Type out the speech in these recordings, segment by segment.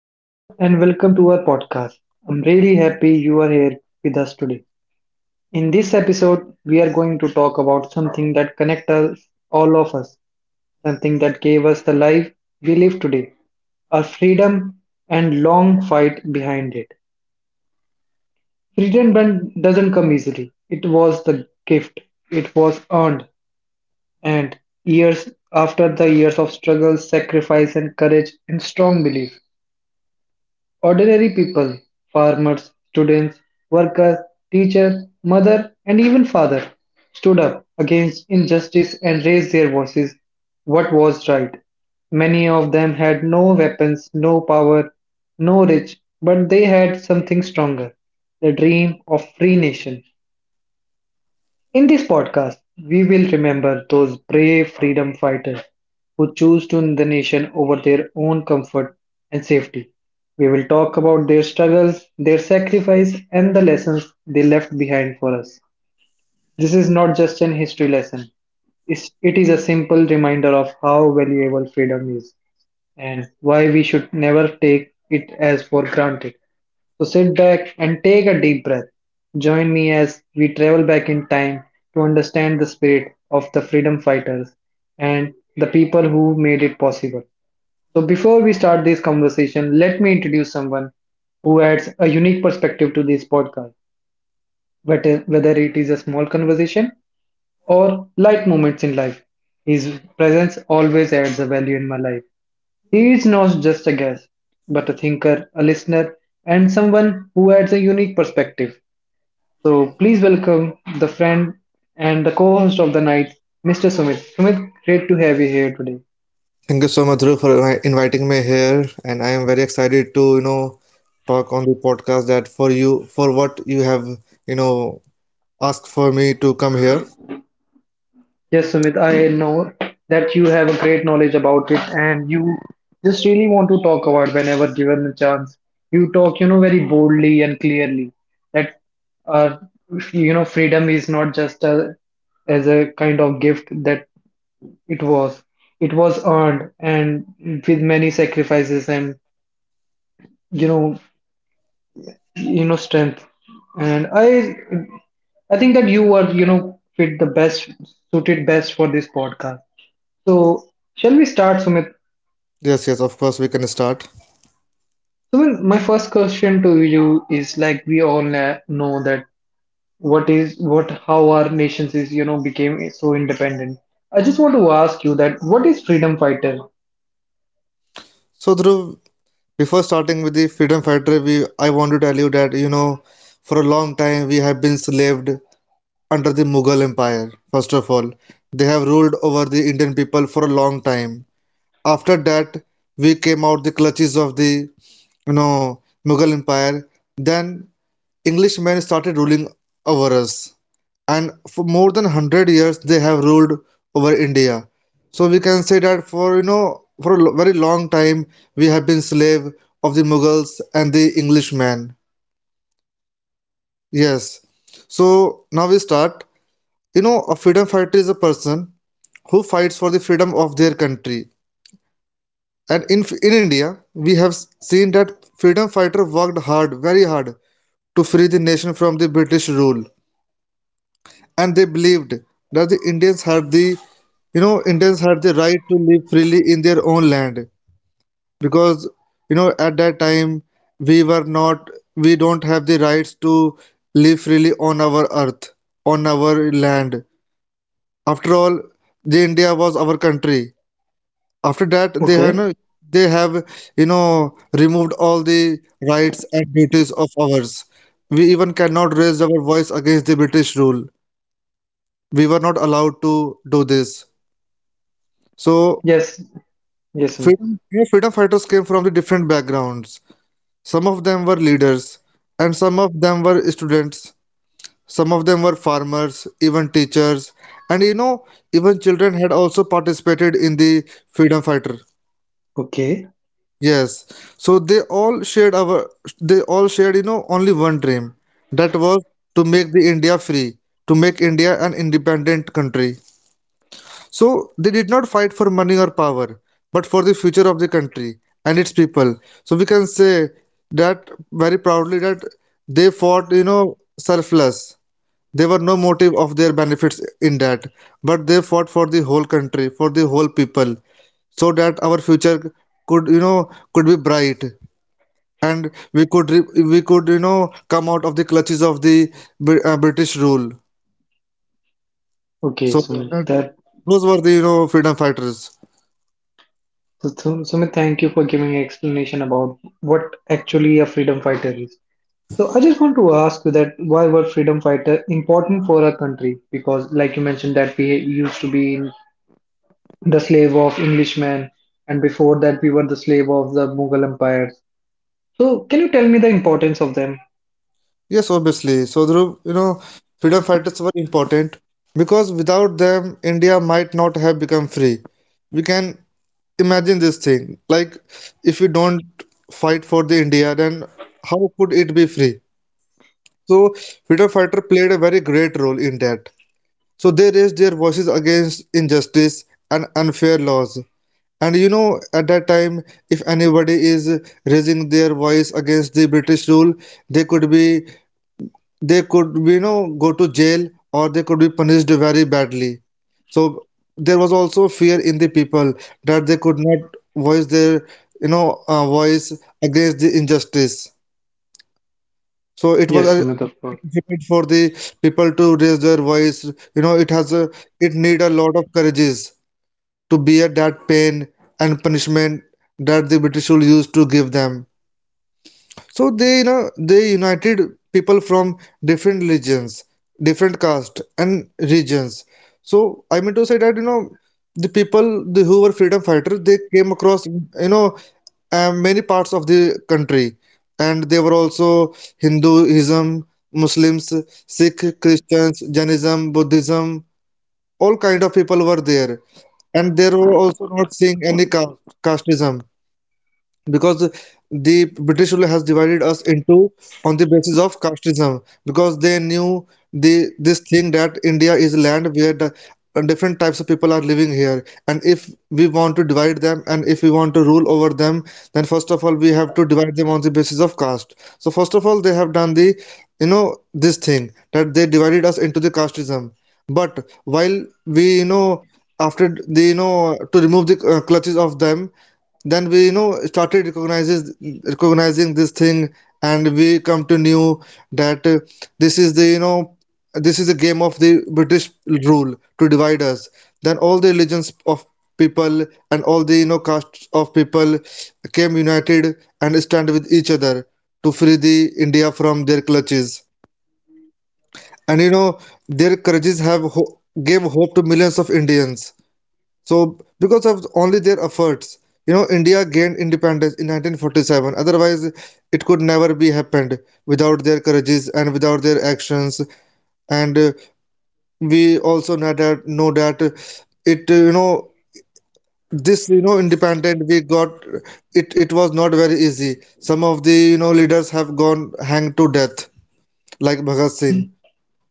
Hello and welcome to our podcast. I'm really happy you are here with us today. In this episode, we are going to talk about something that connects us, all of us, something that gave us the life we live today, our freedom and long fight behind it. Freedom doesn't come easily. It was the gift. It was earned. And years after the years of struggle, sacrifice and courage and strong belief. Ordinary people, farmers, students, workers, teachers, mother, and even father, stood up against injustice and raised their voices. What was right? Many of them had no weapons, no power, no rich, but they had something stronger the dream of free nation. In this podcast, we will remember those brave freedom fighters who choose to the nation over their own comfort and safety. We will talk about their struggles, their sacrifice, and the lessons they left behind for us. This is not just an history lesson, it is a simple reminder of how valuable freedom is and why we should never take it as for granted. So sit back and take a deep breath. Join me as we travel back in time to understand the spirit of the freedom fighters and the people who made it possible. So before we start this conversation, let me introduce someone who adds a unique perspective to this podcast, whether it is a small conversation or light moments in life. His presence always adds a value in my life. He is not just a guest, but a thinker, a listener, and someone who adds a unique perspective. So please welcome the friend and the co-host of the night, Mr. Sumit. Sumit, great to have you here today. Thank you so much, Dhruv, for inviting me here, and I am very excited to talk on the podcast that for what you have, you know, asked for me to come here. Yes, Sumit, I know that you have a great knowledge about it and you just really want to talk about whenever given a chance. You talk, you know, very boldly and clearly that uh, freedom is not just a as a kind of gift that It was. It was earned and with many sacrifices and you know strength. And I think that you are, fit the best suited best for this podcast. So shall we start, Sumit? Yes, yes, of course, we can start. Sumit, my first question to you is like we all know that what is what how our nations is, became so independent. I just want to ask you that what is freedom fighter? So, Dhruv, before starting with the freedom fighter, we I want to tell you that for a long time we have been slaved under the Mughal Empire. First of all, they have ruled over the Indian people for a long time. After that, we came out the clutches of the Mughal Empire. Then Englishmen started ruling over us, and for more than 100 years they have ruled over India. So we can say that for you know for very long time we have been slave of the Mughals and the Englishmen. Yes. So now we start. A freedom fighter is a person who fights for the freedom of their country, and in India we have seen that freedom fighter worked hard, very hard, to free the nation from the British rule. And they believed that the Indians had the you know Indians had the right to live freely in their own land, because at that time we were not we don't have the rights to live freely on our earth, on our land. After all, the India was our country. After that, they have you Okay. know, they have you know removed all the rights and duties of ours. We even cannot raise our voice against the British rule. We were not allowed to do this. So, Yes. Yes, Sumit. Freedom fighters came from the different backgrounds. Some of them were leaders, and some of them were students. Some of them were farmers, even teachers, and even children had also participated in the freedom fighter. Okay. Yes, so they all shared only one dream, that was to make the India free, to make India an independent country. So they did not fight for money or power, but for the future of the country and its people. So we can say, that very proudly, that they fought selfless. There were no motive of their benefits in that, but they fought for the whole country, for the whole people, so that our future could be bright, and we could come out of the clutches of the British rule. Okay, So Sumit. that, That those were the freedom fighters. So, Sumit, thank you for giving an explanation about what actually a freedom fighter is. So, I just want to ask you that why were freedom fighter important for our country? Because, like you mentioned, that we used to be in the slave of Englishmen, and before that, we were the slave of the Mughal empires. So, can you tell me the importance of them? Yes, obviously. So, Dhruv, freedom fighters were important because without them, India might not have become free. We can imagine this thing. Like, if we don't fight for the India, then how could it be free? So, freedom fighter played a very great role in that. So, they raised their voices against injustice and unfair laws. And at that time, if anybody is raising their voice against the British rule, they could be they could go to jail, or they could be punished very badly. So there was also fear in the people that they could not voice their voice against the injustice. So it was Yes, Sumit, of course. difficult for the people to raise their voice. You know it has a it need a lot of courages to bear that pain and punishment that the British rule used to give them. So they united people from different religions, different caste and regions. So I mean to say that the people the, who were freedom fighters, they came across many parts of the country, and they were also Hinduism, Muslims, Sikh, Christians, Jainism, Buddhism, all kind of people were there, and there were also not seeing any caste, casteism, because the British rule has divided us into on the basis of casteism, because they knew the this thing, that India is a land where the different types of people are living here, and if we want to divide them and if we want to rule over them, then first of all we have to divide them on the basis of caste. So first of all they have done the you know this thing, that they divided us into the casteism. But while we after the to remove the clutches of them, then we started recognizes recognizing this thing. And we come to knew that this is the you know this is a game of the British rule to divide us. Then all the religions of people, and all the castes of people, came united and stand with each other to free the India from their clutches. And their courages gave hope to millions of Indians. So, because of only their efforts, India gained independence in 1947. Otherwise, it could never be happened without their courages and without their actions. And we also know that it, you know, this, you know, independent we got it. It was not very easy. Some of the leaders have gone hanged to death, like Bhagat Singh.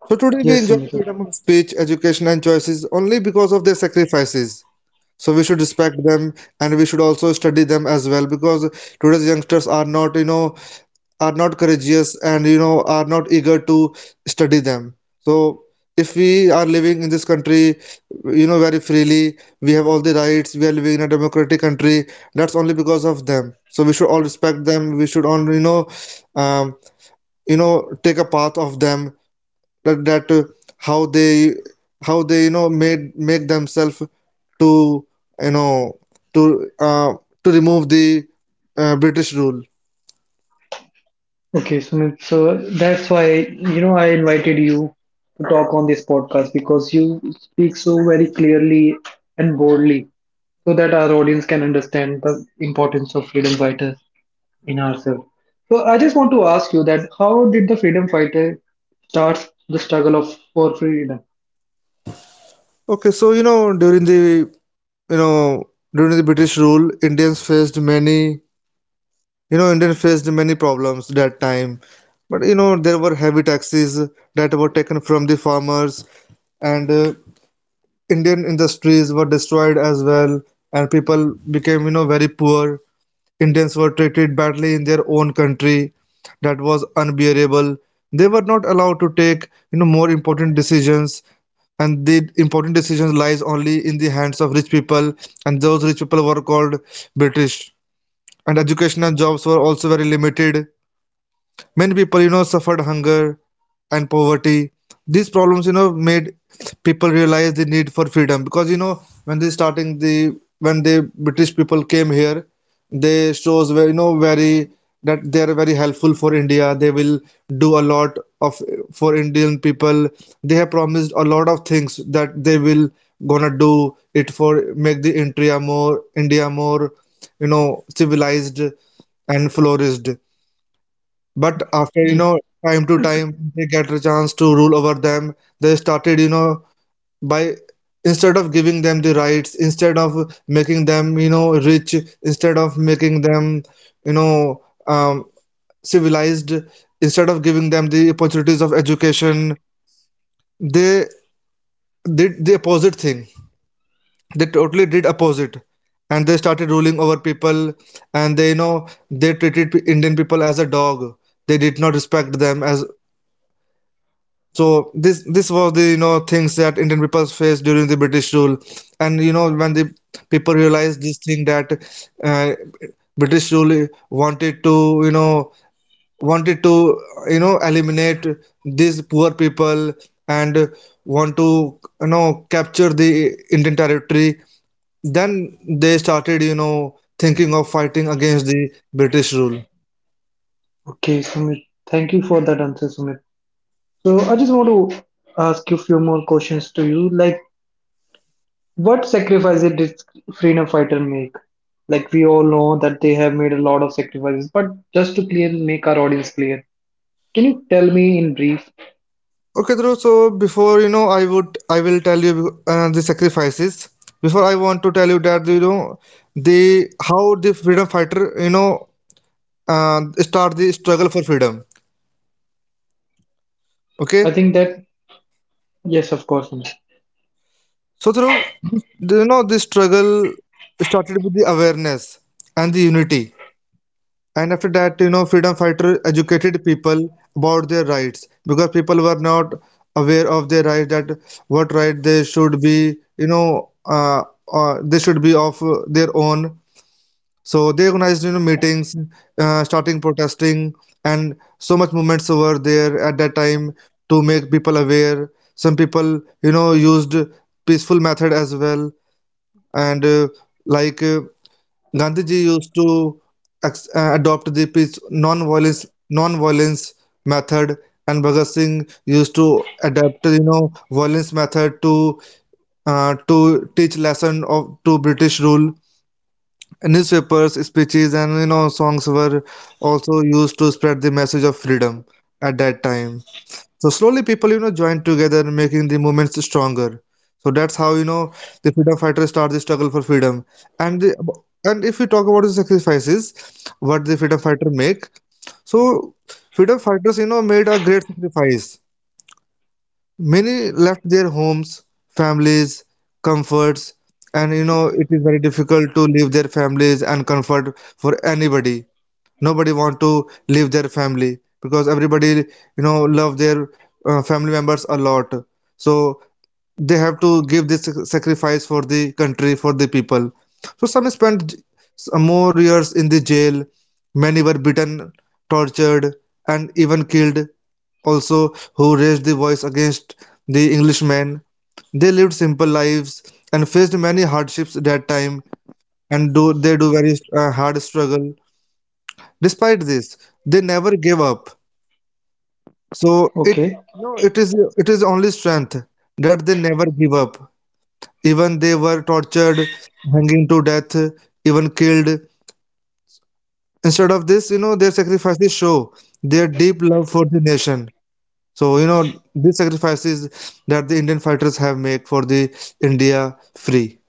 So today we Yes, enjoy Sumita. freedom of speech, education, and choices only because of their sacrifices. So we should respect them, and we should also study them as well, because today's youngsters are not courageous, and are not eager to study them. So if we are living in this country very freely, we have all the rights, we are living in a democratic country. That's only because of them. So we should all respect them, we should all um, take a path of them, like that how they how they you know made make themselves to you know to uh, remove the British rule. Okay, Sumit. So that's why, I invited you to talk on this podcast because you speak so very clearly and boldly so that our audience can understand the importance of freedom fighters in ourselves. So I just want to ask you that how did the freedom fighter start the struggle of for freedom? Okay, so you know during the British rule, Indian faced many problems that time. But there were heavy taxes that were taken from the farmers, and Indian industries were destroyed as well, and people became very poor. Indians were treated badly in their own country. That was unbearable. They were not allowed to take more important decisions, and the important decisions lies only in the hands of rich people, and those rich people were called British. And education and jobs were also very limited. Many people suffered hunger and poverty. These problems made people realize the need for freedom, because when the British people came here, they shows were very, that they are very helpful for India. They will do a lot of for Indian people. They have promised a lot of things that they will gonna do it for make the India more civilized and flourished. But after, you Yeah. know, time to time they get a chance to rule over them, they started, you know, by instead of giving them the rights, instead of making them rich, instead of making them, you know, um, civilized, instead of giving them the opportunities of education, they did the opposite thing. They totally did opposite. And they started ruling over people, and they treated Indian people as a dog. They did not respect them as. So this was the things that Indian people faced during the British rule, and when the people realized this thing, that uh, British rule wanted to eliminate these poor people, and want to capture the Indian territory, then they started thinking of fighting against the British rule. Okay, Sumit. Thank you for that answer, Sumit. So I just want to ask you a few more questions to you. Like, What sacrifices did freedom fighter make? Like we all know that they have made a lot of sacrifices, but just to clear, make our audience clear, can you tell me in brief? Okay, Dhruv, so before I will tell you the sacrifices. Before I want to tell you that you know the how the freedom fighter uh, start the struggle for freedom. Okay, I think that yes, of course. Anuj. so Dhruv, the struggle started with the awareness and the unity. And after that freedom fighter educated people about their rights, because people were not aware of their rights, that what right they should be of their own. So they organized meetings, starting protesting, and so much movements were there at that time to make people aware. Some people used peaceful method as well, and like Gandhiji used to adopt the peace, non-violence, non-violence method, and Bhagat Singh used to adapt violence method to teach lesson of to British rule. Newspapers, speeches, and songs were also used to spread the message of freedom at that time. So slowly people, you know, joined together, making the movements stronger. So that's how, you know, the freedom fighters start the struggle for freedom. And the, and if we talk about the sacrifices, what the freedom fighter make, so freedom fighters, you know, made a great sacrifice. Many left their homes, families, comforts, and you know, it is very difficult to leave their families and comfort for anybody, nobody want to leave their family because everybody you know love their family members a lot, so they have to give this sacrifice for the country, for the people. So some spent some more years in the jail, many were beaten, tortured, and even killed also, who raised the voice against the englishmen. They lived simple lives and faced many hardships that time, and do they do very hard struggle. Despite this, they never give up. So it, Okay, no, it is only strength that they never give up. Even they were tortured, hanging to death, even killed. Instead of this, you know, their sacrifices show their deep love for the nation. So, you know, these sacrifices that the Indian fighters have made for the India free.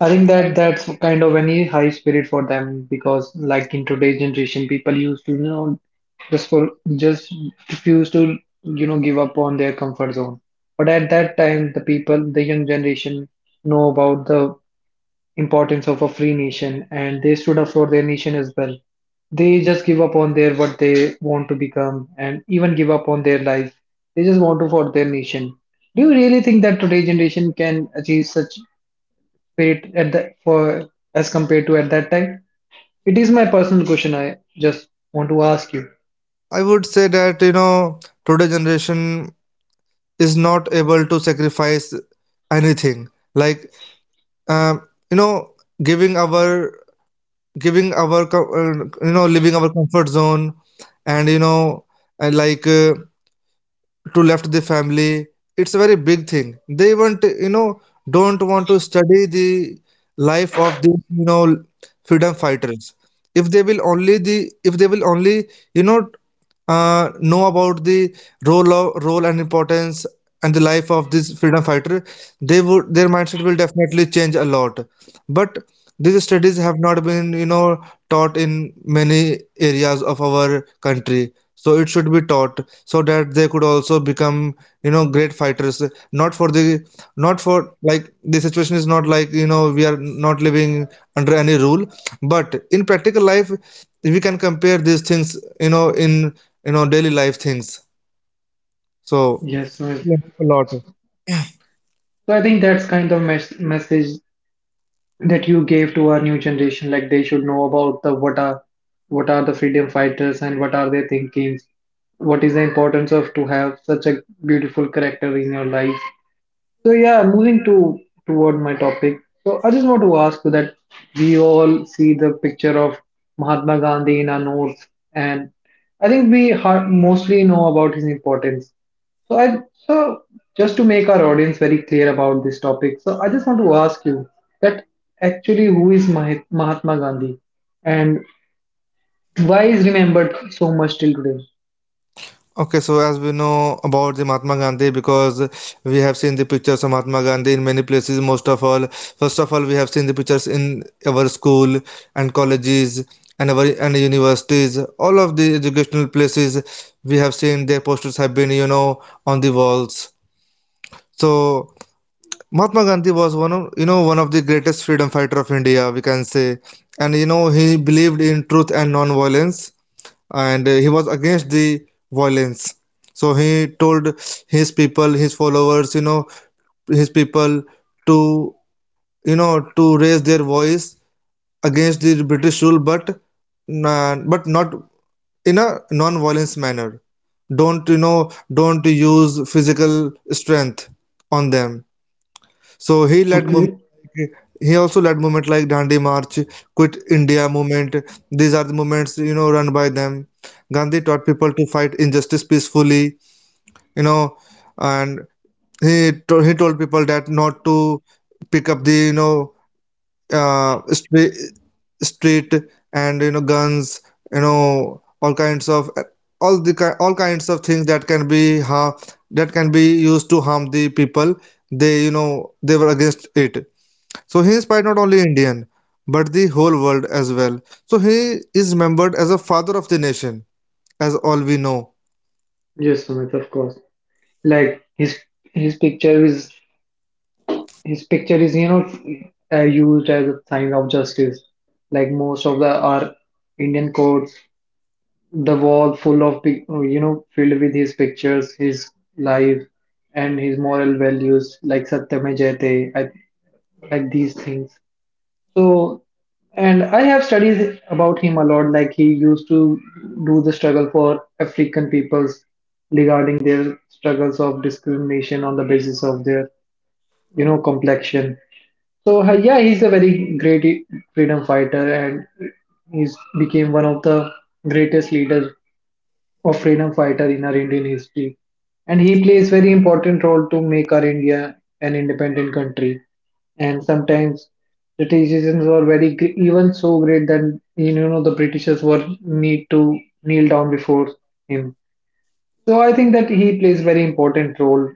I think that that's kind of any high spirit for them because like in today's generation, people used to just for just refuse to give up on their comfort zone. But at that time, the people, the young generation, know about the importance of a free nation, and they stood up for their nation as well. They just give up on their what they want to become, and even give up on their life. They just want to for their nation. Do you really think that today generation can achieve such spirit at the for as compared to at that time? It is my personal question. I just want to ask you. I would say that, you know, today generation is not able to sacrifice anything. Like you know, giving our you know, leaving our comfort zone, and you know, and like to left the family, it's a very big thing. They want, you know, don't want to study the life of the, you know, freedom fighters. If they will only the if they will only, you know, know about the role of, role and importance and the life of this freedom fighter, they would, their mindset will definitely change a lot. But these studies have not been, you know, taught in many areas of our country. So it should be taught so that they could also become, you know, great fighters. Not for the, not for, like the situation is not like, you know, we are not living under any rule. But in practical life, we can compare these things, you know, in, you know, daily life things. So, Yes, sir. yeah, a lot. So I think that's kind of message that you gave to our new generation, like they should know about the what are the freedom fighters and what are their thinkings, what is the importance of to have such a beautiful character in your life. So yeah, moving to toward my topic. So I just want to ask you that we all see the picture of Mahatma Gandhi in our north, and I think we mostly know about his importance. So just to make our audience very clear about this topic, so I just want to ask you that actually who is Mahatma Gandhi, and why is remembered so much till today? Okay, so as we know about the Mahatma Gandhi, because we have seen the pictures of Mahatma Gandhi in many places. First of all, we have seen the pictures in our school and colleges, and our and universities. All of the educational places we have seen their posters have been, you know, on the walls. So Mahatma Gandhi was one of you know, one of the greatest freedom fighter of India, we can say, and you know, he believed in truth and non-violence, and he was against the violence. So he told his people, his followers, you know, his people to, you know, to raise their voice against the british rule, but but not in a non-violence manner. Don't, you know, don't use physical strength on them. So he led Okay. movement, like he also led movement like Dandi March, Quit India movement. These are the movements you know run by them. Gandhi taught people to fight injustice peacefully, you know, and he told people that not to pick up the, you know, uh, street street and you know guns, you know, all kinds of things that can be ha that can be used to harm the people. They, you know, they were against it. So he inspired not only Indian, but the whole world as well. So he is remembered as a father of the nation, as all we know. Yes, Sumit, of course. Like his picture is his picture is used as a sign of justice. Like most of the our Indian courts the wall full of filled with his pictures, his life, and his moral values like satyame jayate I, like these things. So and I have studied about him a lot, like he used to do the struggle for african peoples regarding their struggles of discrimination on the basis of their complexion. So yeah, he's a very great freedom fighter, and he's became one of the greatest leaders of freedom fighter in our Indian history, and he plays very important role to make our India an independent country. And sometimes the decisions were very even so great that the Britishers were need to kneel down before him. So I think that he plays very important role.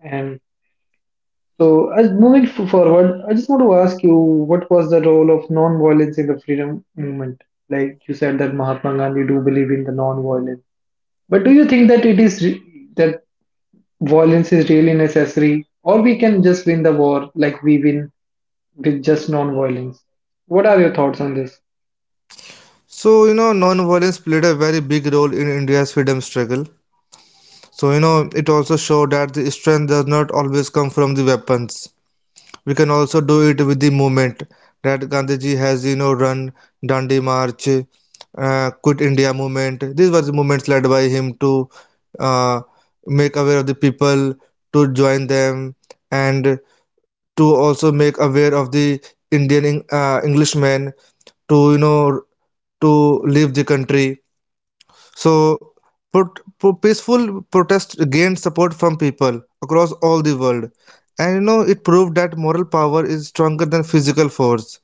And so as moving forward, I just want to ask you what was the role of non-violence in the freedom movement? Like you said that Mahatma Gandhi do believe in the non-violence. But do you think that it is that violence is really necessary, or we can just win the war like we win with just non-violence? What are your thoughts on this? So you know, non-violence played a very big role in India's freedom struggle. So you know, it also showed that the strength does not always come from the weapons. We can also do it with the movement that Gandhiji has, you know, run Dandi March, Quit India movement. These were the movements led by him to uh, make aware of the people, to join them, and to also make aware of the Indian Englishmen to, you know, to leave the country. So, pro- peaceful protest gained support from people across all the world, and you know, it proved that moral power is stronger than physical force.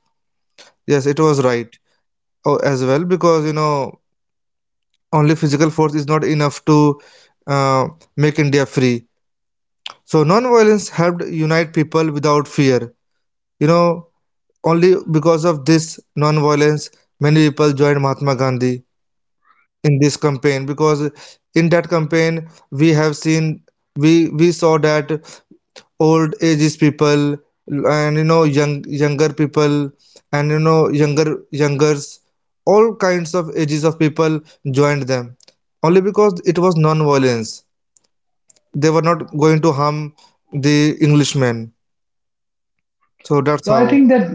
Yes, it was right, oh, as well, because you know, only physical force is not enough to uh, make India free. So, non-violence helped unite people without fear. You know, only because of this non-violence, many people joined Mahatma Gandhi in this campaign. Because in that campaign we have seen, we we saw that old ages people, and you know, younger people, and you know, youngers, all kinds of ages of people joined them, only because it was non-violence. They were not going to harm the englishmen. So that's So I how, think that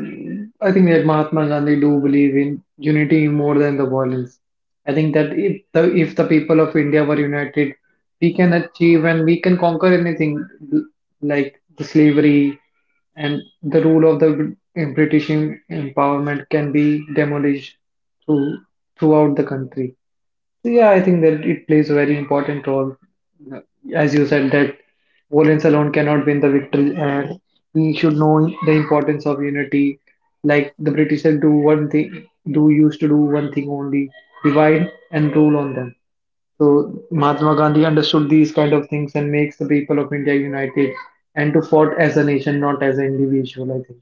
Mahatma Gandhi do believe in unity more than the violence. I think that if the people of India were united, we can achieve and we can conquer anything, l- like the slavery and the rule of the British empowerment can be demolished through throughout the country. So yeah, I think that it plays a very important role. As you said, that violence alone cannot win the victory, and we should know the importance of unity. Like the British said, do one thing, do used to do one thing only, divide and rule on them. So Mahatma Gandhi understood these kind of things and makes the people of India united and to fought as a nation, not as an individual. I think.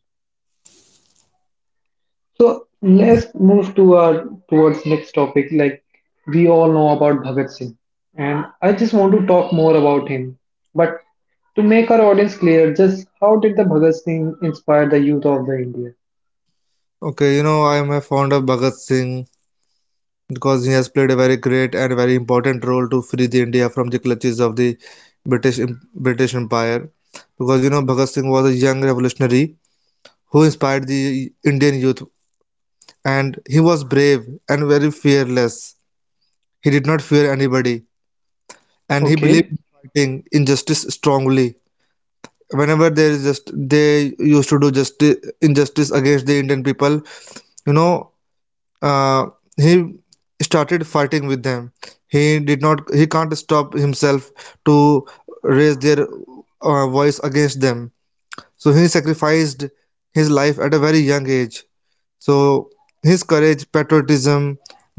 So let's move to our towards next topic. Like we all know about Bhagat Singh, and I just want to talk more about him. But to make our audience clear, just how did the Bhagat Singh inspire the youth of the India? okay, you know, I am a fond of Bhagat Singh, because he has played a very great and very important role to free the India from the clutches of the British British Empire. Because you know, Bhagat Singh was a young revolutionary who inspired the Indian youth, and he was brave and very fearless. He did not fear anybody, and he believed Okay, in fighting injustice strongly. Whenever there is just they used to do just injustice against the Indian people, you know, uh, he started fighting with them. He did not, he can't stop himself to raise their voice against them. So he sacrificed his life at a very young age. So his courage, patriotism,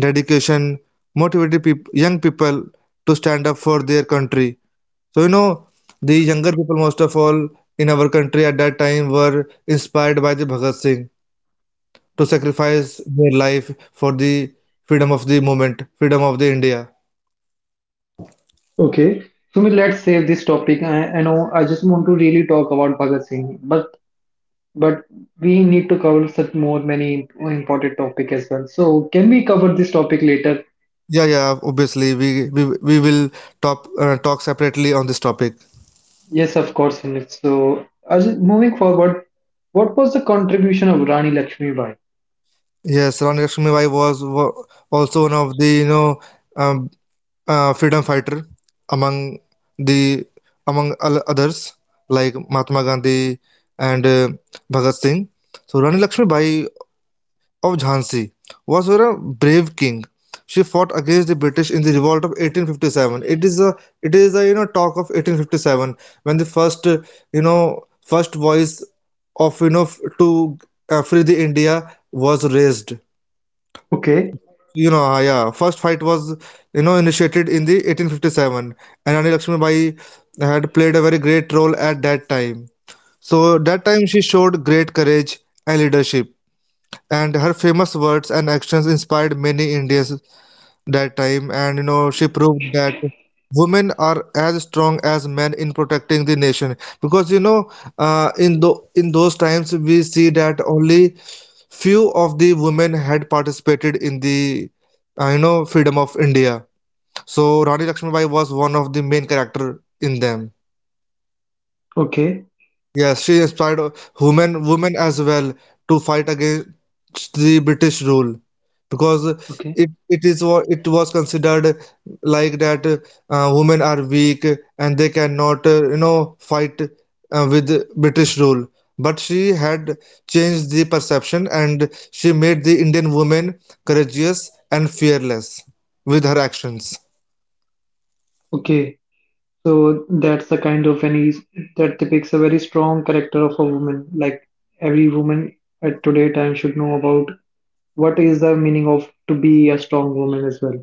dedication motivated young people to stand up for their country. So you know, the younger people, most of all, in our country at that time were inspired by the Bhagat Singh to sacrifice their life for the freedom of the movement, freedom of the India. okay. So let's save this topic. I know I just want to really talk about Bhagat Singh, but but we need to cover such more many important topic as well. So can we cover this topic later. Yeah, yeah, obviously we will talk separately on this topic. Yes, of course, Vinit. So, Ajit, moving forward, what was the contribution of Rani Lakshmibai? Yes, Rani Lakshmibai was also one of the, you know, um, freedom fighter among the, among all others, like Mahatma Gandhi and Bhagat Singh. So Rani Lakshmibai of Jhansi. Was a brave king. She fought against the British in the revolt of 1857. It is a you know talk of 1857, when the first you know, first voice of, you know, to free the India was raised. Okay, You know yeah, first fight was, you know, initiated in the 1857, and Rani Lakshmibai had played a very great role at that time. So that time she showed great courage and leadership, and her famous words and actions inspired many Indians that time, and you know, she proved that women are as strong as men in protecting the nation. Because you know, in the in those times we see that only few of the women had participated in the you know, freedom of India. So Rani Lakshmibai was one of the main character in them. okay, Yes, she inspired women as well to fight against the British rule. Because okay, it it it was considered like that women are weak and they cannot, you know, fight with British rule. But she had changed the perception, and she made the Indian women courageous and fearless with her actions. okay. So that's the kind of any that depicts a very strong character of a woman. Like every woman at today time should know about what is the meaning of to be a strong woman as well.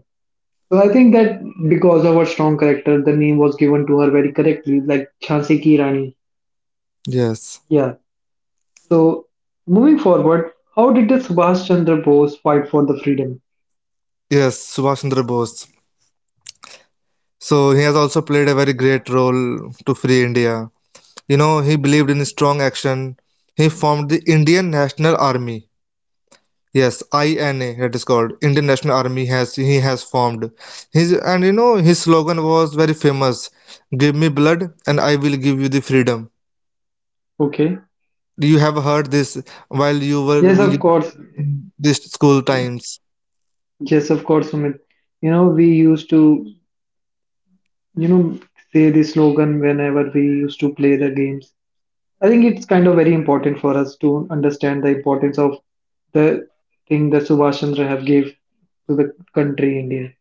So I think that because of her strong character, the name was given to her very correctly, like Jhansi Ki Rani. Yes, Yeah. So, moving forward, how did the Subhash Chandra Bose fight for the freedom? yes, Subhash Chandra Bose. So he has also played a very great role to free India. You know, he believed in strong action. He formed the Indian National Army. Yes, INA, that is called Indian National Army, has he has formed. His, and you know, his slogan was very famous. Give me blood and I will give you the freedom. Okay. You have heard this while Yes, of course. this school times. Yes, of course, Sumit. You know, we used to, you know, say the slogan whenever we used to play the games. I think it's kind of very important for us to understand the importance of the thing that Subhash Chandra have gave to the country India.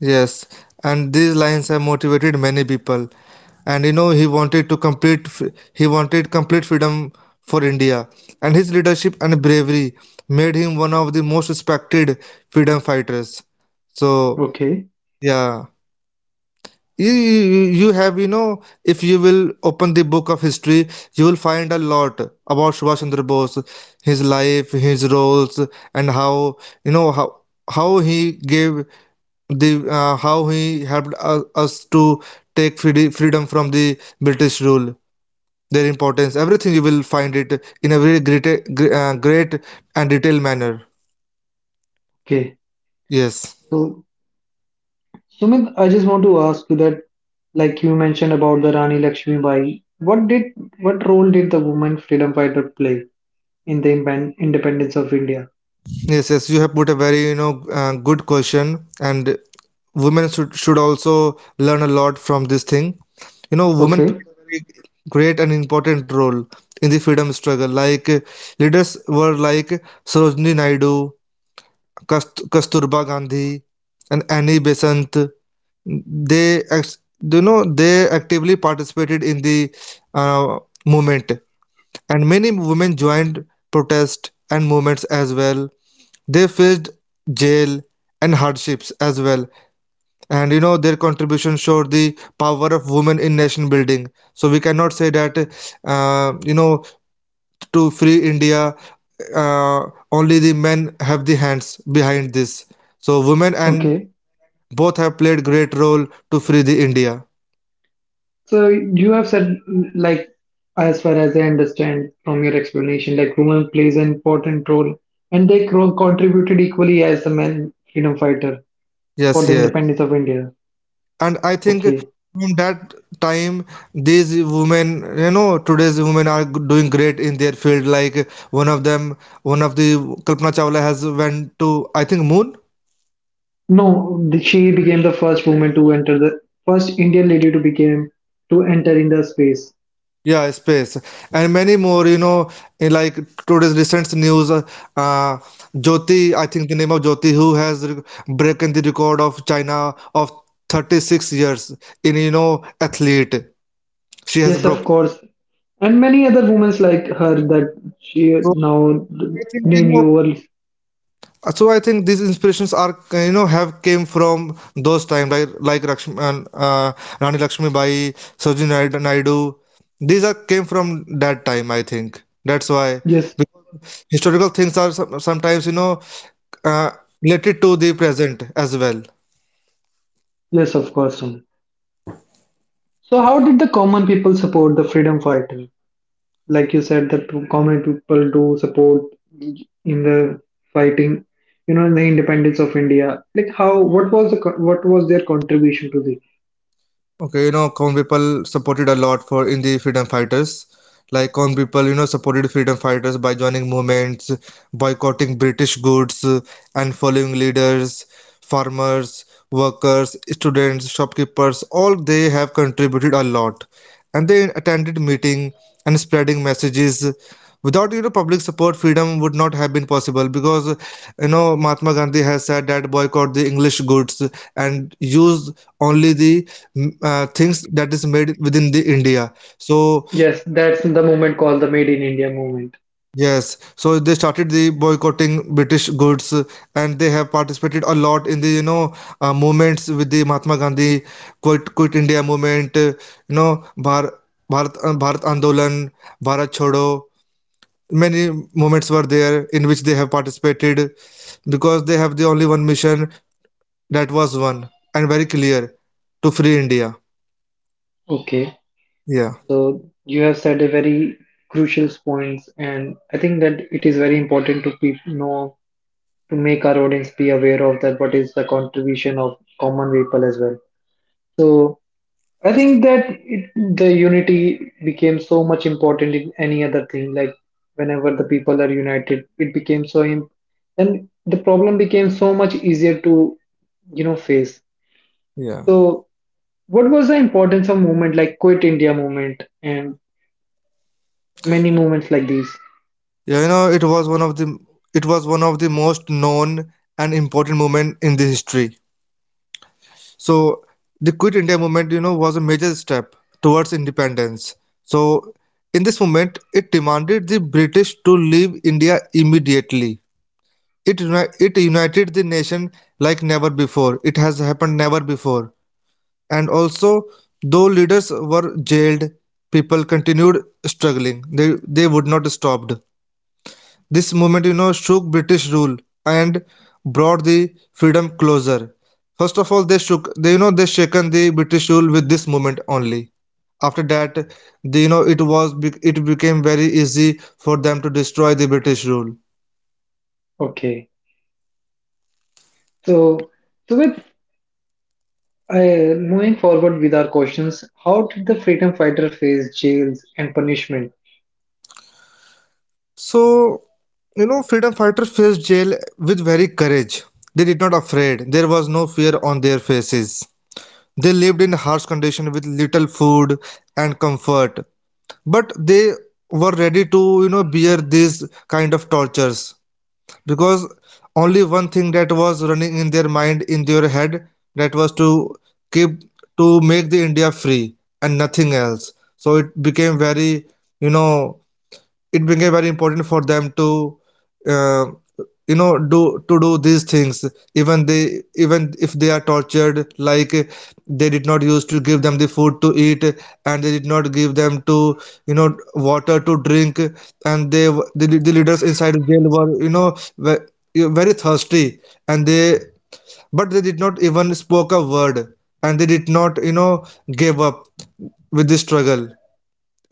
Yes, and these lines have motivated many people. And you know, he wanted to complete he wanted complete freedom for India. And his leadership and bravery made him one of the most respected freedom fighters. So Okay. yeah. You you have, you know, if you will open the book of history, you will find a lot about Subhash Chandra Bose, his life, his roles, and how, you know, how he gave the, how he helped us to take freedom from the british rule, their importance, everything you will find it in a very great and detailed manner. Okay. yes So Sumit, I just want to ask you that, like you mentioned about the Rani Lakshmi Bai, what role did the woman freedom fighter play in the independence of India? yes yes, you have put a very, you know, good question, and women should also learn a lot from this thing. You know, women Okay, played a very great and important role in the freedom struggle. Like leaders were like Sarojini Naidu, Kasturba Gandhi, and Annie Besant. They you know, they actively participated in the uh, movement, and many women joined protests and movements as well. They faced jail and hardships as well, and their contribution showed the power of women in nation building. So we cannot say that uh, you know to free India uh, only the men have the hands behind this. So women and okay. both have played great role to free the India. So you have said, like, as far as I understand from your explanation, like women plays an important role, and they contributed equally as the men freedom fighter for Yes, the yes. independence of India. And I think Okay. from that time these women, today's women are doing great in their field. Like one of them one of the Kalpana Chawla has went to, I think, moon. No, she became the first woman to enter the first Indian lady to become to enter in the space. Yeah, space and many more. In like today's recent news, uh, Jyoti, I think the name of Jyoti, who has broken the record of China of 36 years in athlete, she has Yes, of broken. course, and many other women like her that she So now I think name you all. So I think these inspirations are have came from those time, like Lakshmi, Rani Lakshmi Bai, Sarojini Naidu. Naidu. These are came from that time. I think that's why Yes, historical things are sometimes, uh, related to the present as well. yes, of course. Sonu. So, how did the common people support the freedom fighter? Like you said, that common people do support in the fighting, you know, the independence of India. Like, how? What was the what was their contribution to this? Okay, common people supported a lot for in the freedom fighters. Like common people, supported freedom fighters by joining movements, boycotting British goods, and following leaders, farmers, workers, students, shopkeepers. All they have contributed a lot, and they attended meeting and spreading messages. Without public support, freedom would not have been possible, because Mahatma Gandhi has said that boycott the English goods and use only the things that is made within the India. So Yes, that's the movement called the Made in India movement. yes, so they started the boycotting British goods, and they have participated a lot in the movements with the Mahatma Gandhi. Quit India movement, you know Bhar, Bharat Bharat Andolan, Bharat Chodo. Many movements were there in which they have participated, because they have the only one mission. That was one and very clear: to free India. Okay, Yeah, so you have said a very crucial points, and I think that it is very important to know to make our audience be aware of that. What is the contribution of common people as well? So I think that it, the unity became so much important in any other thing. Like whenever the people are united, it became so, and the problem became so much easier to you know face. yeah. So what was the importance of movement like Quit India movement and many movements like these? Yeah, it was one of the it was one of the most known and important movement in the history. So the Quit India movement, was a major step towards independence. So in this movement, it demanded the British to leave India immediately. It united the nation like never before. It has happened never before. And also, though leaders were jailed, people continued struggling. They would not stopped. This movement, shook British rule and brought the freedom closer. First of all, they shook, they, they shaken the British rule with this movement only. After that, the, it was, it became very easy for them to destroy the British rule. Okay, so so with moving forward with our questions, how did the freedom fighter face jails and punishment? So, freedom fighters faced jail with very courage. They did not afraid. There was no fear on their faces. They lived in harsh condition with little food and comfort, but they were ready to bear these kind of tortures, because only one thing that was running in their mind in their head, that was to keep, to make the India free and nothing else. So it became very, you know it became very important for them to uh, do, to do these things, even they even if they are tortured. Like, they did not use to give them the food to eat, and they did not give them to you know water to drink. And they, the leaders inside jail were very thirsty. And they, but they did not even spoke a word, and they did not give up with the struggle.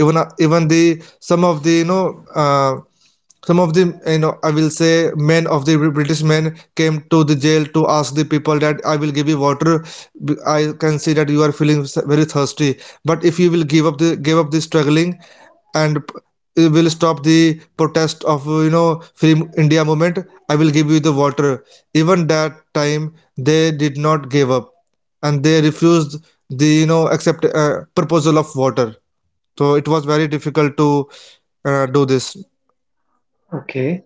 Even the some of the some of the I will say men of the British men came to the jail to ask the people that, I will give you water. I can see that you are feeling very thirsty, but if you will give up the struggling, and it will stop the protest of free India movement, I will give you the water. Even that time, they did not give up, and they refused the accept proposal of water. So it was very difficult to do this. Okay,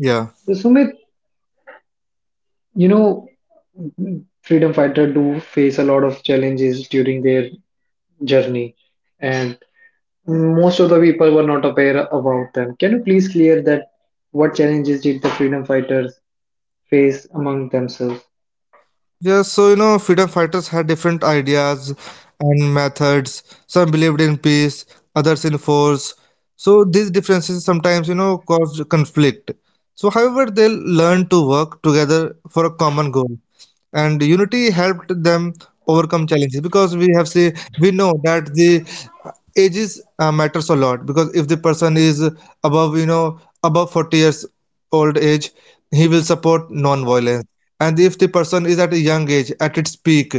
Yeah. so Sumit, you know, freedom fighter do face a lot of challenges during their journey, and most of the people were not aware about them. Can you please clear that what challenges did the freedom fighters face among themselves? Yes, so freedom fighters had different ideas and methods. Some believed in peace, others in force. So these differences sometimes, caused conflict. So, however, they learned to work together for a common goal, and unity helped them overcome challenges. Because we have see, we know that the ages matters a lot. Because if the person is above, above 40 years old age, he will support non-violence. And if the person is at a young age at its peak,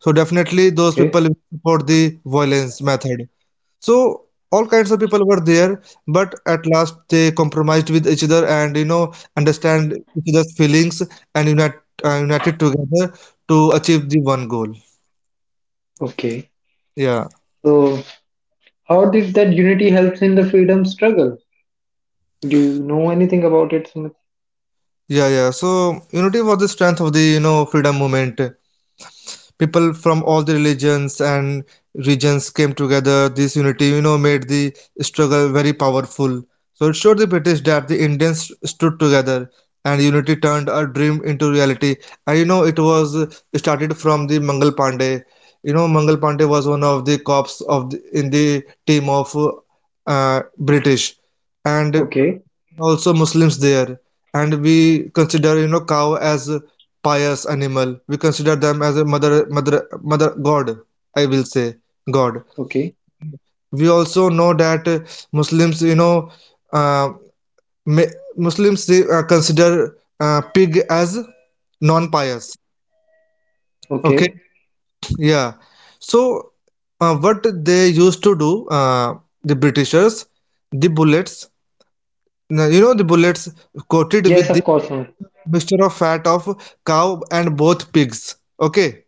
so definitely those Okay, people will support the violence method. So all kinds of people were there, but at last they compromised with each other, and understand each other's feelings and unite, united together to achieve the one goal. okay. Yeah. So how did that unity helps in the freedom struggle? Do you know anything about it, Sumit? Yeah, yeah, so unity was the strength of the freedom movement. People from all the religions and regions came together. This unity, made the struggle very powerful. So it showed the British that the Indians stood together, and unity turned a dream into reality. And it was started from the Mangal Pandey. Mangal Pandey was one of the cops of the, in the team of British, and Okay, also Muslims there. And we consider cow as a pious animal. We consider them as a mother, mother, mother God. I will say God. okay, We also know that Muslims uh, Muslims they, consider pig as non-pious. Okay, okay. yeah. So what they used to do, the Britishers, the bullets. Now, you know the bullets coated Yes, with the of course, Sumit. mixture of fat of cow and both pigs. Okay,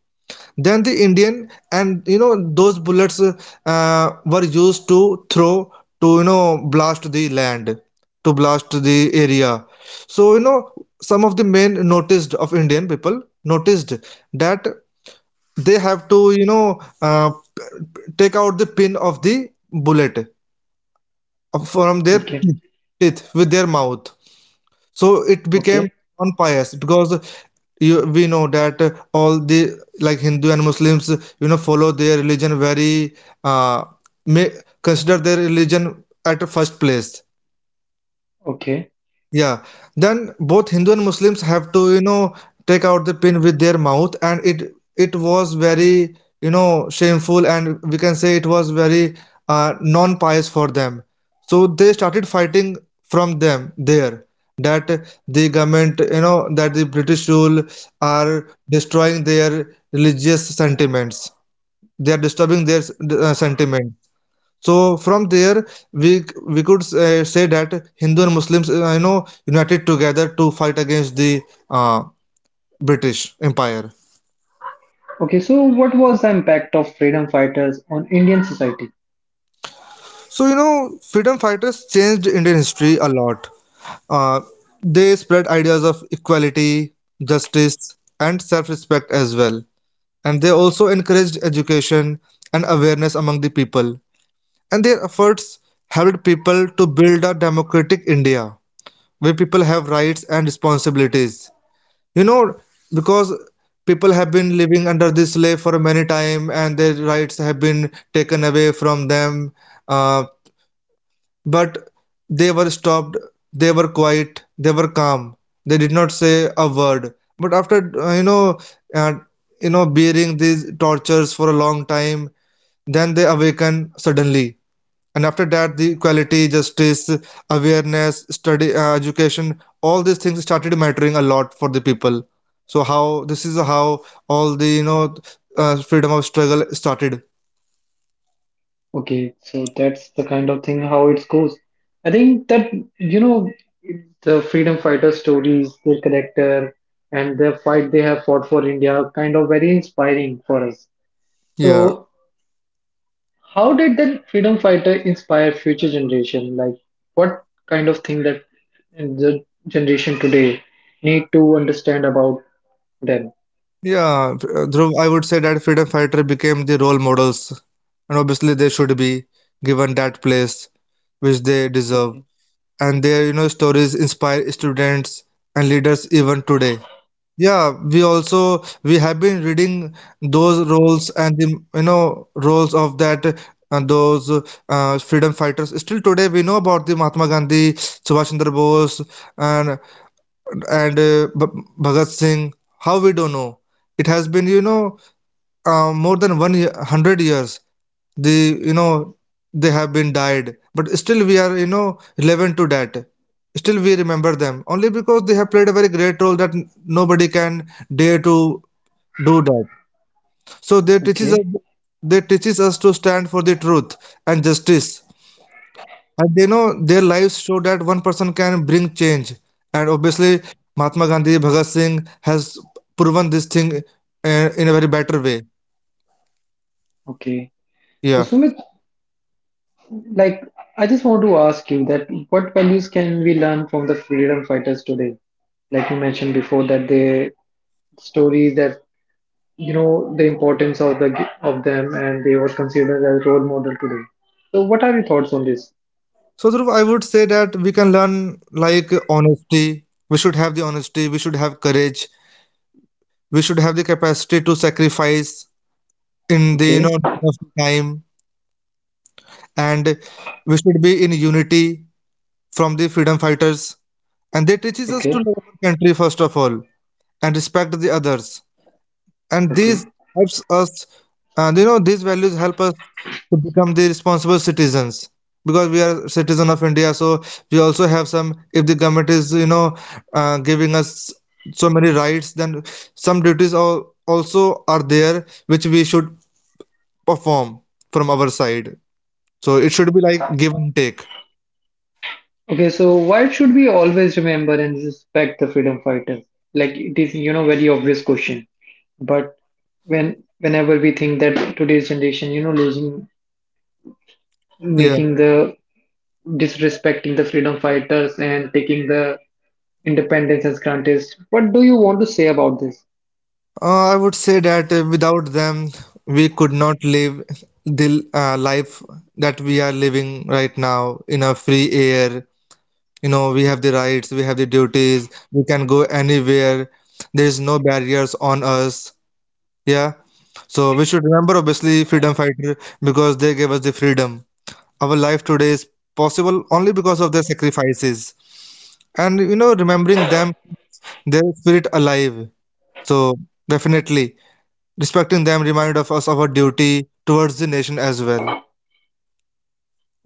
then the Indian, and those bullets were used to throw to blast the land, to blast the area. So some of the men noticed, of Indian people, noticed that they have to take out the pin of the bullet from their Okay, teeth with their mouth. So it became okay, unpious, because we know that all the, like Hindu and Muslims, follow their religion very uh, may consider their religion at first place. okay, Yeah, then both Hindu and Muslims have to, take out the pin with their mouth, and it was very, shameful, and we can say it was very non-pious for them. So they started fighting from them there, that the government, that the British rule are destroying their religious sentiments. They are disturbing their sentiment. So from there we could say that Hindu and Muslims united together to fight against the uh, British Empire. okay. So, what was the impact of freedom fighters on Indian society? So freedom fighters changed Indian history a lot. Uh, they spread ideas of equality, justice, and self-respect as well. And they also encouraged education and awareness among the people. And their efforts helped people to build a democratic India, where people have rights and responsibilities, you know because people have been living under this slave for many time, and their rights have been taken away from them. uh, but they were stopped, they were quiet, they were calm, they did not say a word. But after uh, bearing these tortures for a long time, then they awaken suddenly. And after that, the equality, justice, awareness, study, education, all these things started mattering a lot for the people. So how, this is how all the freedom of struggle started. Okay, so that's the kind of thing how it goes. I think that you know the freedom fighter stories, their character, and the fight they have fought for India, kind of very inspiring for us. Yeah. So how did then freedom fighter inspire future generation? Like what kind of thing that the generation today need to understand about them? Dhruv, I would say that freedom fighter became the role models, and obviously they should be given that place which they deserve. Okay. And their stories inspire students and leaders even today. Yeah, we also, we have been reading those roles and the roles of that those freedom fighters. Still today, we know about the Mahatma Gandhi, Subhash Chandra Bose, and Bhagat Singh. How we don't know? It has been more than 100 years, the they have been died, but still we are relevant to that. Still we remember them only because they have played a very great role that nobody can dare to do that. So they teaches us, Okay, they teaches us to stand for the truth and justice. And they know their lives show that one person can bring change. And obviously Mahatma Gandhi, Bhagat Singh has proven this thing in a very better way. okay. So Yeah. Sumit, like I just want to ask you that what values can we learn from the freedom fighters today? Like you mentioned before that they stories that you know the importance of the of them and they were considered as role model today. So what are your thoughts on this? So Dhruv, I would say that we can learn like honesty. We should have the honesty. We should have courage. We should have the capacity to sacrifice in the Okay, need of time, and we should be in unity from the freedom fighters. And they teaches us to okay, love our country first of all and respect the others. And these okay. helps us, and you know these values help us to become the responsible citizens because we are citizen of India. So we also have some, if the government is giving us so many rights, then some duties also are there which we should perform from our side. So it should be like give and take. Okay, so why should we always remember and respect the freedom fighters? Like it is, you know, very obvious question. But when whenever we think that today's generation, you know, losing, Yeah. making the disrespecting the freedom fighters and taking the independence as granted, what do you want to say about this? I would say that without them we could not live the life that we are living right now in a free air. You know, we have the rights, we have the duties, we can go anywhere. There is no barriers on us. Yeah. So we should remember obviously freedom fighter because they gave us the freedom. Our life today is possible only because of their sacrifices. And you know, remembering them, their spirit alive. So definitely respecting them remind of us of our duty towards the nation as well.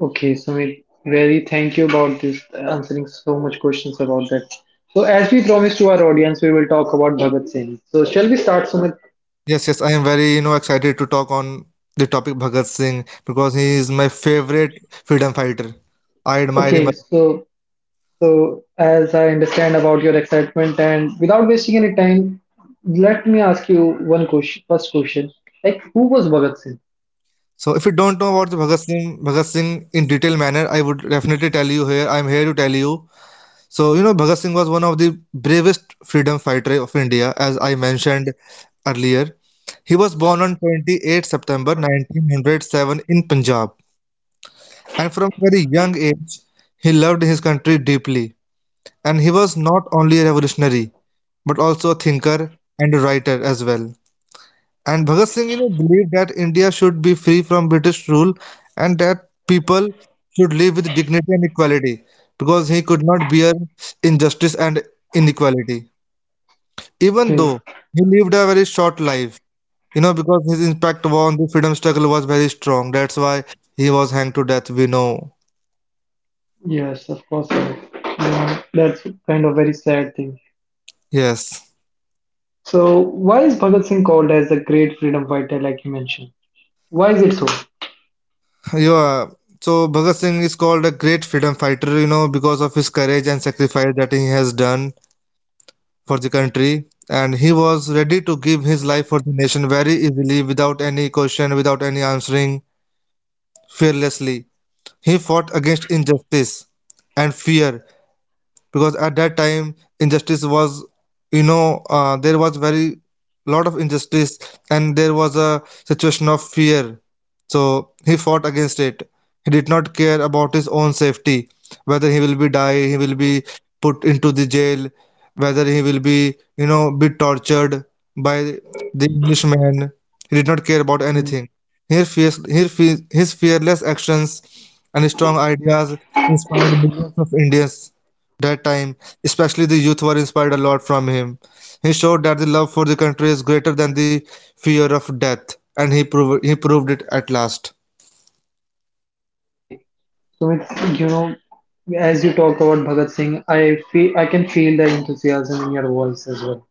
Okay, Sumit, really thank you about this answering so much questions about that. So as we promised to our audience, we will talk about Bhagat Singh. So shall we start, Sumit? Yes, yes, I am very, you know, excited to talk on the topic Bhagat Singh because he is my favorite freedom fighter. I admire him Okay, a lot. so so, as I understand about your excitement, and without wasting any time, let me ask you one question. First question: like, who was Bhagat Singh? So if you don't know about the Bhagat Singh, Bhagat Singh in detail manner, I would definitely tell you here. I'm here to tell you. So you know, Bhagat Singh was one of the bravest freedom fighter of India, as I mentioned earlier. He was born on 28th September 1907 in Punjab, and from a very young age, he loved his country deeply. And he was not only a revolutionary, but also a thinker and a writer as well. And Bhagat Singh, you know, believed that India should be free from British rule and that people should live with dignity and equality because he could not bear injustice and inequality. Even Okay. though he lived a very short life, you know, because his impact on the freedom struggle was very strong. That's why he was hanged to death, we know. Yes, of course, sir. Yeah, that's kind of very sad thing. Yes. So, why is Bhagat Singh called as the great freedom fighter, like you mentioned? Why is it so? Yeah. So Bhagat Singh is called a great freedom fighter, you know, because of his courage and sacrifice that he has done for the country. And he was ready to give his life for the nation very easily, without any question, without any answering, fearlessly. He fought against injustice and fear, because at that time injustice was, there was very lot of injustice, and there was a situation of fear. So he fought against it. He did not care about his own safety, whether he will be die, he will be put into the jail, whether he will be, you know, be tortured by the englishman. He did not care about Mm. anything. His, fierce, his, fe- His fearless actions and strong ideas inspired millions of Indians that time, especially the youth, were inspired a lot from him. He showed that the love for the country is greater than the fear of death, and he proved it at last. Okay, so it's you know, as you talk about Bhagat Singh, I feel I can feel the enthusiasm in your voice as well.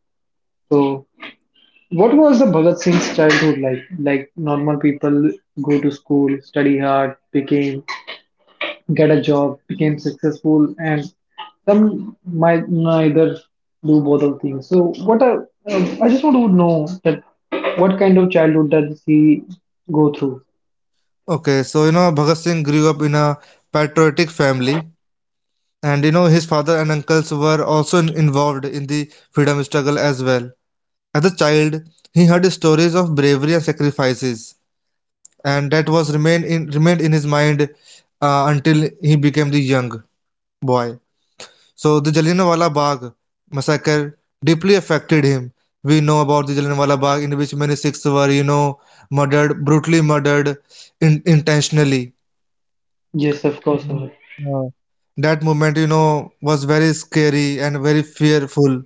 So, what was the Bhagat Singh's childhood like? Like normal people go to school, study hard, became get a job, became successful, and some might neither do both of things. So what are, I just want to know that what kind of childhood does he go through? Okay, so you know, Bhagat Singh grew up in a patriotic family, and you know, his father and uncles were also involved in the freedom struggle as well. As a child, he heard stories of bravery and sacrifices, and that was remained in his mind until he became the young boy. So the Jallianwala Bagh massacre deeply affected him. We know about the Jallianwala Bagh, in which many Sikhs were, you know, murdered, brutally murdered in, intentionally. Yes, of course. Amit. Yeah. That moment, you know, was very scary and very fearful.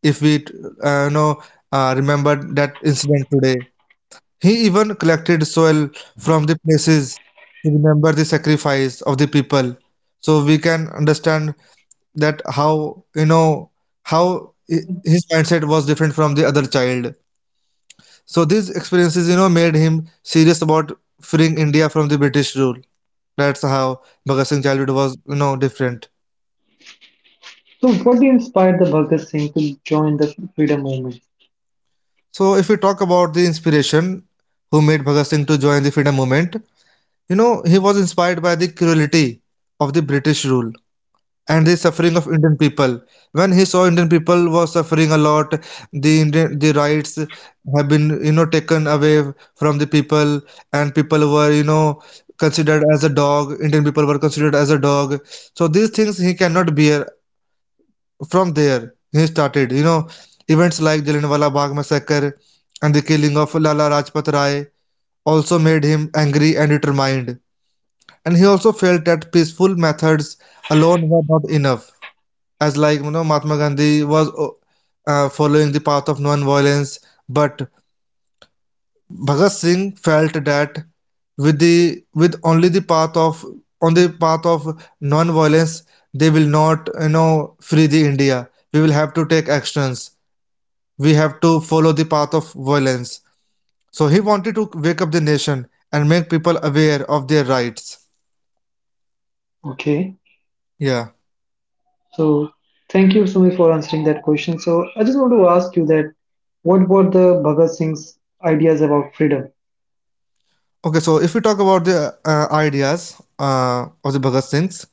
If we, uh, you know, remember that incident today, he even collected soil from the places to remember the sacrifice of the people. So we can understand that how you know how i- his mindset was different from the other child. So these experiences, you know, made him serious about freeing India from the British rule. That's how Bhagat Singh childhood was, you know, different. So what inspired the Bhagat Singh to join the freedom movement? So if we talk about the inspiration who made Bhagat Singh to join the freedom movement, you know, he was inspired by the cruelty of the British rule and the suffering of Indian people. When he saw Indian people were suffering a lot, the rights have been you know taken away from the people, and people were you know considered as a dog. Indian people were considered as a dog. So these things he cannot bear. From there, he started you know events like Jallianwala Bagh massacre and the killing of Lala Rajpat Rai also made him angry and determined. And he also felt that peaceful methods alone were not enough, as like you know Mahatma Gandhi was following the path of non-violence, but Bhagat Singh felt that with only the path of on the path of non-violence they will not you know free the India. We will have to take actions. We have to follow the path of violence. So he wanted to wake up the nation and make people aware of their rights. Okay. Yeah. So thank you, Sumi, for answering that question. So I just want to ask you that what about the Bhagat Singh's ideas about freedom? Okay, so if we talk about the ideas of the Bhagat Singhs,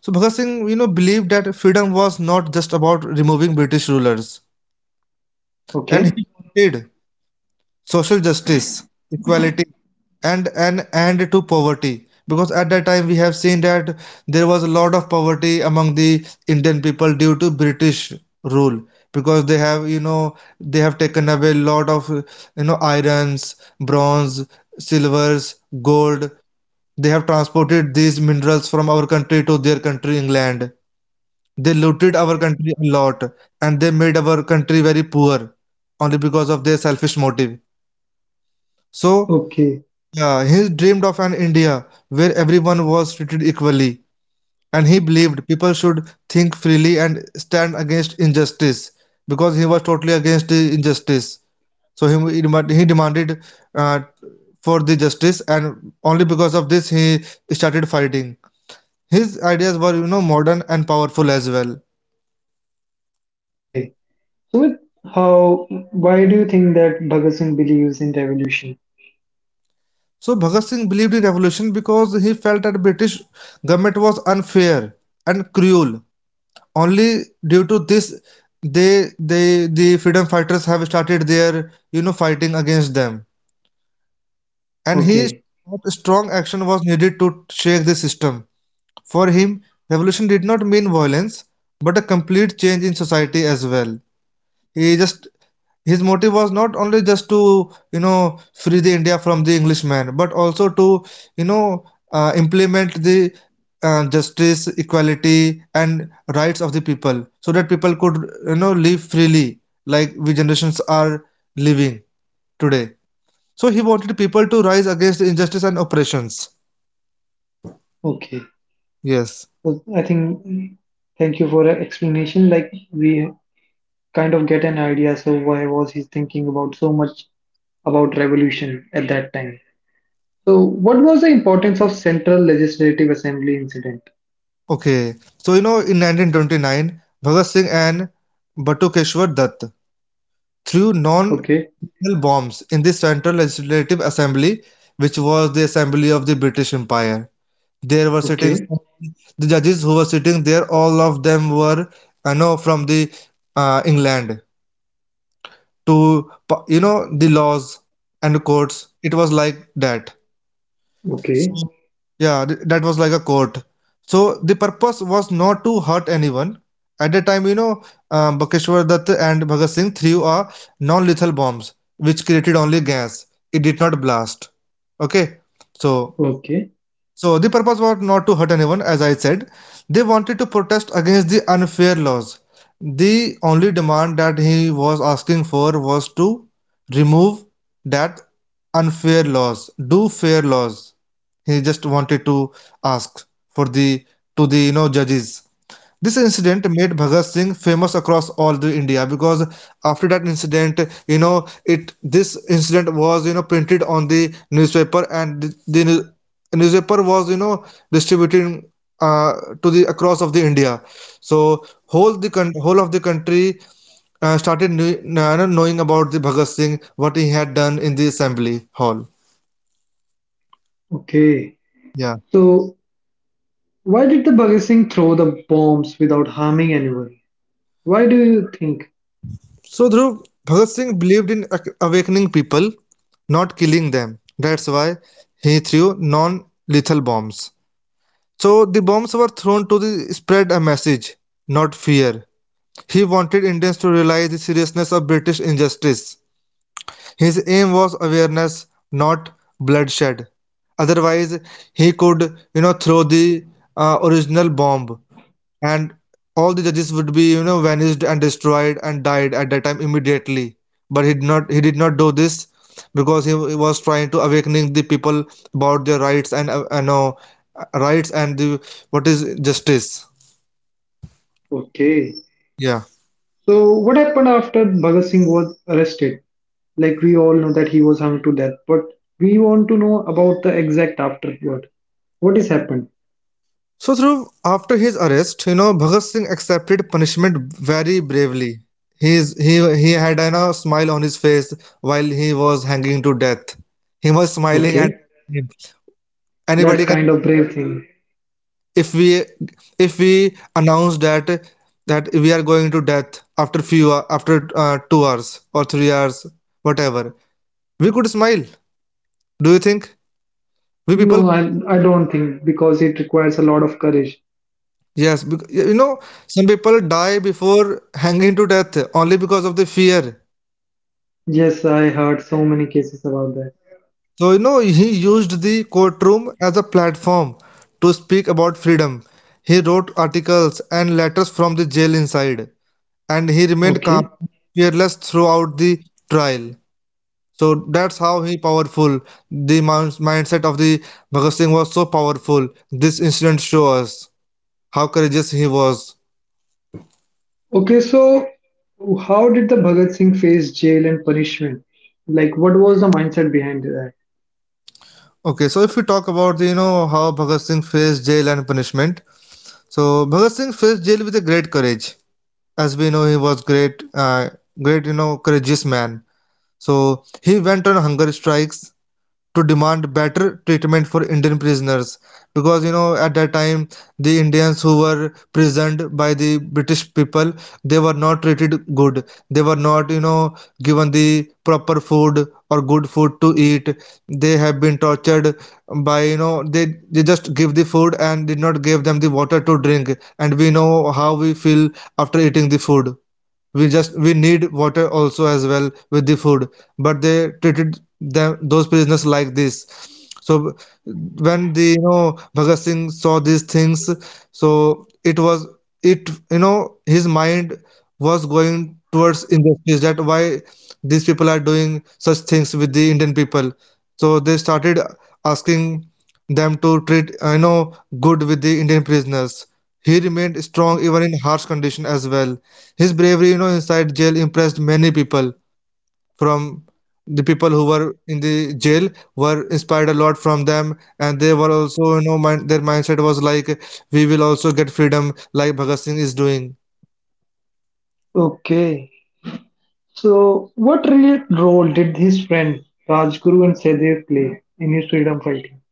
so Bhagat Singh, you know, believed that freedom was not just about removing British rulers, and Okay, he wanted social justice, equality, and an end to poverty. Because at that time we have seen that there was a lot of poverty among the Indian people due to British rule. Because they have, you know, they have taken away a lot of, you know, irons, bronze, silvers, gold. They have transported these minerals from our country to their country, England. They looted our country a lot and they made our country very poor only because of their selfish motive. So, okay, yeah, he dreamed of an India where everyone was treated equally, and he believed people should think freely and stand against injustice because he was totally against the injustice. So he demanded uh, for the justice, and only because of this he started fighting. His ideas were you know modern and powerful as well. okay. So with how why do you think that Bhagat Singh believes in revolution? So Bhagat Singh believed in revolution because he felt that British government was unfair and cruel. Only due to this, the freedom fighters have started their you know fighting against them. And he Okay, thought strong action was needed to shake the system. For him, revolution did not mean violence, but a complete change in society as well. He just, his motive was not only just to you know free the India from the englishman, but also to you know implement the justice, equality and rights of the people, so that people could you know live freely like we generations are living today. So he wanted people to rise against the injustice and oppressions. okay. Yes. So I think thank you for the explanation. Like we kind of get an idea. So why was he thinking about so much about revolution at that time? So what was the importance of Central Legislative Assembly incident? Okay, so you know in 1929 Bhagat Singh and Batukeshwar Dutt through non Okay. National bombs in the Central Legislative Assembly, which was the assembly of the British Empire. There were sitting Okay, the judges who were sitting there. All of them were, you know, from the England, to you know the laws and courts. It was like that. okay, So, yeah, that was like a court. So the purpose was not to hurt anyone. At the time, you know, Bakeshwar Dutt and Bhagat Singh threw a non-lethal bombs, which created only gas. It did not blast. Okay, so. okay, So the purpose was not to hurt anyone, as I said. They wanted to protest against the unfair laws. The only demand that he was asking for was to remove that unfair laws, do fair laws. He just wanted to ask for the to the you know judges. This incident made Bhagat Singh famous across all the India because after that incident, you know, it this incident was you know printed on the newspaper, and newspaper was you know distributed uh, to the across of the India. So whole of the country started knowing about the Bhagat Singh what he had done in the assembly hall. okay. Yeah. So, why did the Bhagat Singh throw the bombs without harming anyone? Why do you think? So Dhruv, Bhagat Singh believed in awakening people, not killing them. That's why he threw non-lethal bombs. So the bombs were thrown to the spread a message, not fear. He wanted Indians to realize the seriousness of British injustice. His aim was awareness, not bloodshed. Otherwise, he could, you know, throw the original bomb, and all the judges would be you know vanished and destroyed and died at that time immediately. But he did not, he did not do this because he was trying to awakening the people about their rights and no, rights and the what is justice. Okay. Yeah. So, what happened after Bhagat Singh was arrested? Like, we all know that he was hung to death, but we want to know about the exact afterward. What has happened? So through after his arrest you know Bhagat Singh accepted punishment very bravely. He had you know a smile on his face while he was hanging to death. He was smiling at Okay, that time. that's Anybody can, kind of brave thing. if we, if we announce that that we are going to death after 2 hours or 3 hours, whatever, we could smile. Do you think we No, people? I don't think because it requires a lot of courage. Yes, you know, some people die before hanging to death only because of the fear. Yes, I heard so many cases about that. So you know, he used the courtroom as a platform to speak about freedom. He wrote articles and letters from the jail inside, and he remained Okay. calm, fearless throughout the trial. So that's how he powerful. The mindset of the Bhagat Singh was so powerful. This incident shows us how courageous he was. Okay, so how did the Bhagat Singh face jail and punishment? Like, what was the mindset behind that? Okay, so if we talk about the, you know, how Bhagat Singh faced jail and punishment, so Bhagat Singh faced jail with a great courage. As we know, he was great, great, you know, courageous man. So he went on hunger strikes to demand better treatment for Indian prisoners, because you know, at that time the Indians who were prisoned by the British people, they were not treated good. They were not, you know, given the proper food or good food to eat. They have been tortured by, you know, they just give the food and did not give them the water to drink. And we know how we feel after eating the food, we just, we need water also as well with the food. But they treated them, those prisoners, like this. So when the, you know, Bhagat Singh saw these things, so it was, it, you know, his mind was going towards injustice, that why these people are doing such things with the Indian people. So they started asking them to treat, you know, good with the Indian prisoners. He remained strong even in harsh condition as well. His bravery, you know, inside jail impressed many people. From the people who were in the jail were inspired a lot from them, and they were also, you know, mind, their mindset was like, we will also get freedom, like Bhagat Singh is doing. Okay, so what real role did his friend Rajguru and Sehdev play in his freedom fighting?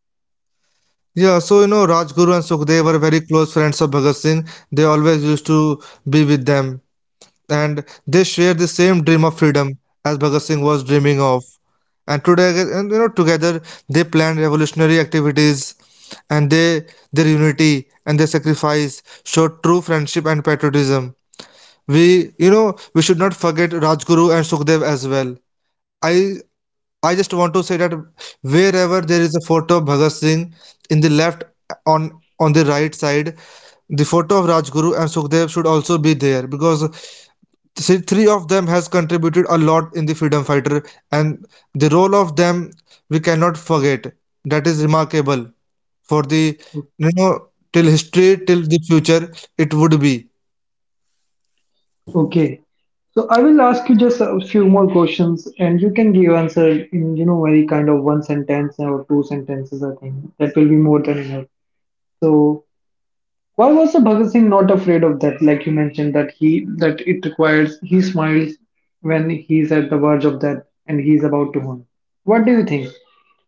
Yeah, so you know, Rajguru and Sukhdev were very close friends of Bhagat Singh. They always used to be with them, and they share the same dream of freedom as Bhagat Singh was dreaming of. And today, and you know, together they planned revolutionary activities, and they, their unity and their sacrifice showed true friendship and patriotism. We, you know, we should not forget Rajguru and Sukhdev as well. I I just want to say that wherever there is a photo of Bhagat Singh in the left, on the right side, the photo of Rajguru and Sukhdev should also be there, because see, three of them has contributed a lot in the freedom fighter, and the role of them we cannot forget. That is remarkable for the, you know, till history, till the future it would be. Okay, so I will ask you just a few more questions, and you can give answer in you know very kind of one sentence or two sentences. I think that will be more than enough. So why was Bhagat Singh not afraid of that? Like you mentioned that he that it requires he smiles when he's at the verge of death and he's about to harm. What do you think?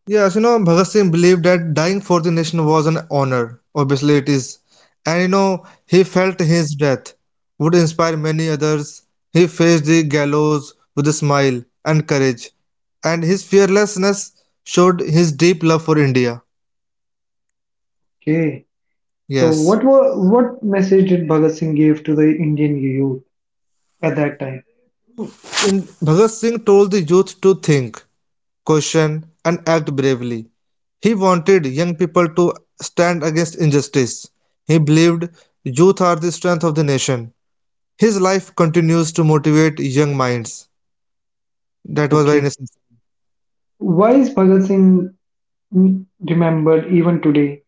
Yes, you know, Bhagat Singh believed that dying for the nation was an honor. Obviously, it is. And you know, he felt his death would inspire many others. He faced the gallows with a smile and courage, and his fearlessness showed his deep love for India. Okay. So Yes. what were what message did Bhagat Singh give to the Indian youth at that time? In Bhagat Singh told the youth to think, question, and act bravely. He wanted young people to stand against injustice. He believed youth are the strength of the nation. His life continues to motivate young minds. That was very Okay. necessary. Why is Bhagat Singh remembered even today?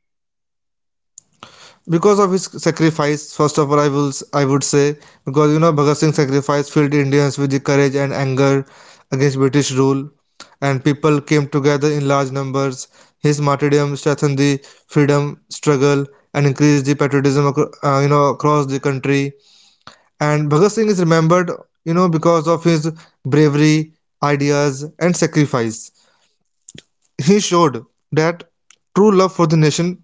Because of his sacrifice, first of all, I would say, because you know, Bhagat Singh sacrifice filled Indians with the courage and anger against British rule, and people came together in large numbers. His martyrdom strengthened the freedom struggle and increased the patriotism you know, across the country. And Bhagat Singh is remembered, you know, because of his bravery, ideas and sacrifice. He showed that true love for the nation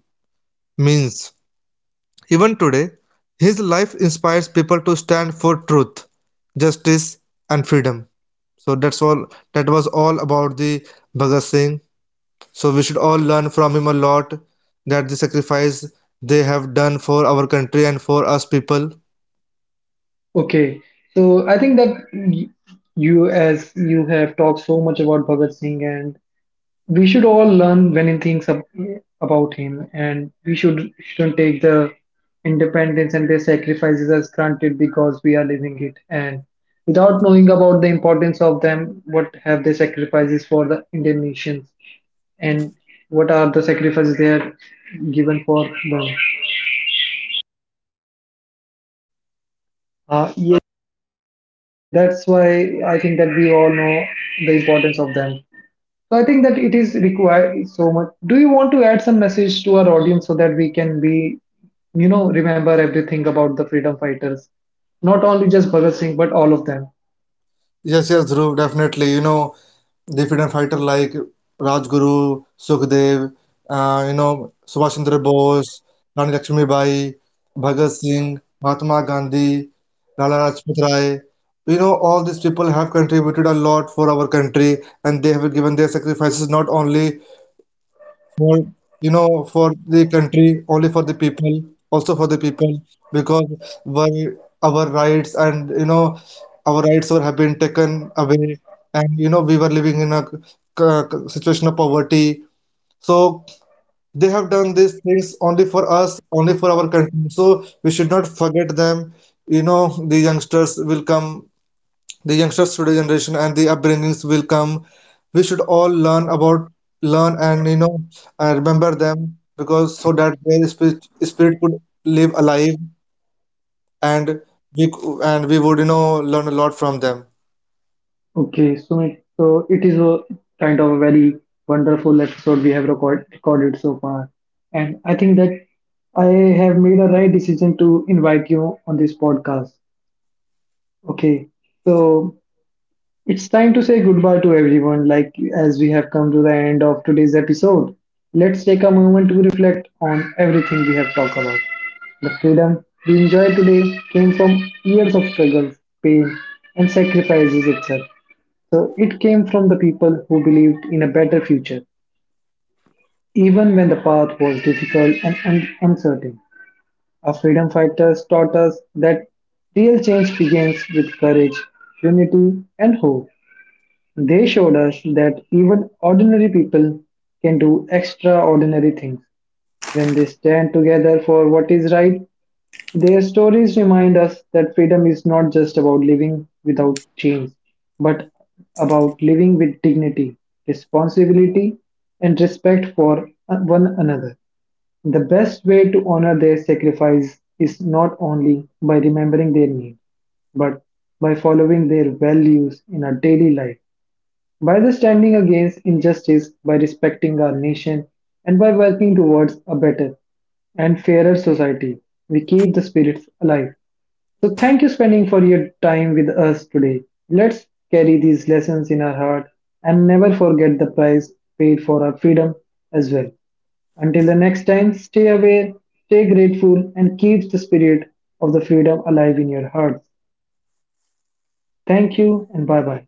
means, even today, his life inspires people to stand for truth, justice, and freedom. So that's all. That was all about the Bhagat Singh. So we should all learn from him a lot, that the sacrifice they have done for our country and for us people. Okay. So I think that you as you have talked so much about Bhagat Singh and we should all learn many things about him and we shouldn't take the independence and their sacrifices as granted because we are living it and without knowing about the importance of them what have they sacrifices for the indian nations and what are the sacrifices they are given for them yeah, so that's why I think that we all know the importance of them. So I think that it is required so much. Do you want to add some message to our audience so that we can be, you know, remember everything about the freedom fighters? Not only just Bhagat Singh, but all of them. Yes, yes, Dhruv, definitely. You know, the freedom fighter like Rajguru, Sukhdev, you know, Subhash Chandra Bose, Rani Lakshmi Bai, Bhagat Singh, Mahatma Gandhi, Lala Rajpat Rai. You know, all these people have contributed a lot for our country, and they have given their sacrifices, not only more, you know, for the country, only for the people, also for the people, because why, our rights, and you know, our rights were, have been taken away, and you know, we were living in a situation of poverty. So they have done these things only for us, only for our country, so we should not forget them. You know, the youngsters will come, the youngsters today generation and the upbringings will come. We should all learn about, learn and you know, and remember them, because so that their spirit, spirit could live alive, and we would, you know, learn a lot from them. Okay, Sumit, so it is a kind of a very wonderful episode we have recorded so far. And I think that I have made a right decision to invite you on this podcast. Okay, so it's time to say goodbye to everyone, like as we have come to the end of today's episode. Let's take a moment to reflect on everything we have talked about. The freedom we enjoy today came from years of struggles, pain, and sacrifices itself. So it came from the people who believed in a better future, even when the path was difficult and uncertain. Our freedom fighters taught us that real change begins with courage, unity, and hope. They showed us that even ordinary people can do extraordinary things. When they stand together for what is right, their stories remind us that freedom is not just about living without chains, but about living with dignity, responsibility, and respect for one another. The best way to honor their sacrifice is not only by remembering their needs, but by following their values in our daily life. By the standing against injustice, by respecting our nation, and by working towards a better and fairer society, we keep the spirits alive. So thank you spending for your time with us today. Let's carry these lessons in our heart and never forget the price paid for our freedom as well. Until the next time, stay aware, stay grateful, and keep the spirit of the freedom alive in your hearts. Thank you and bye bye.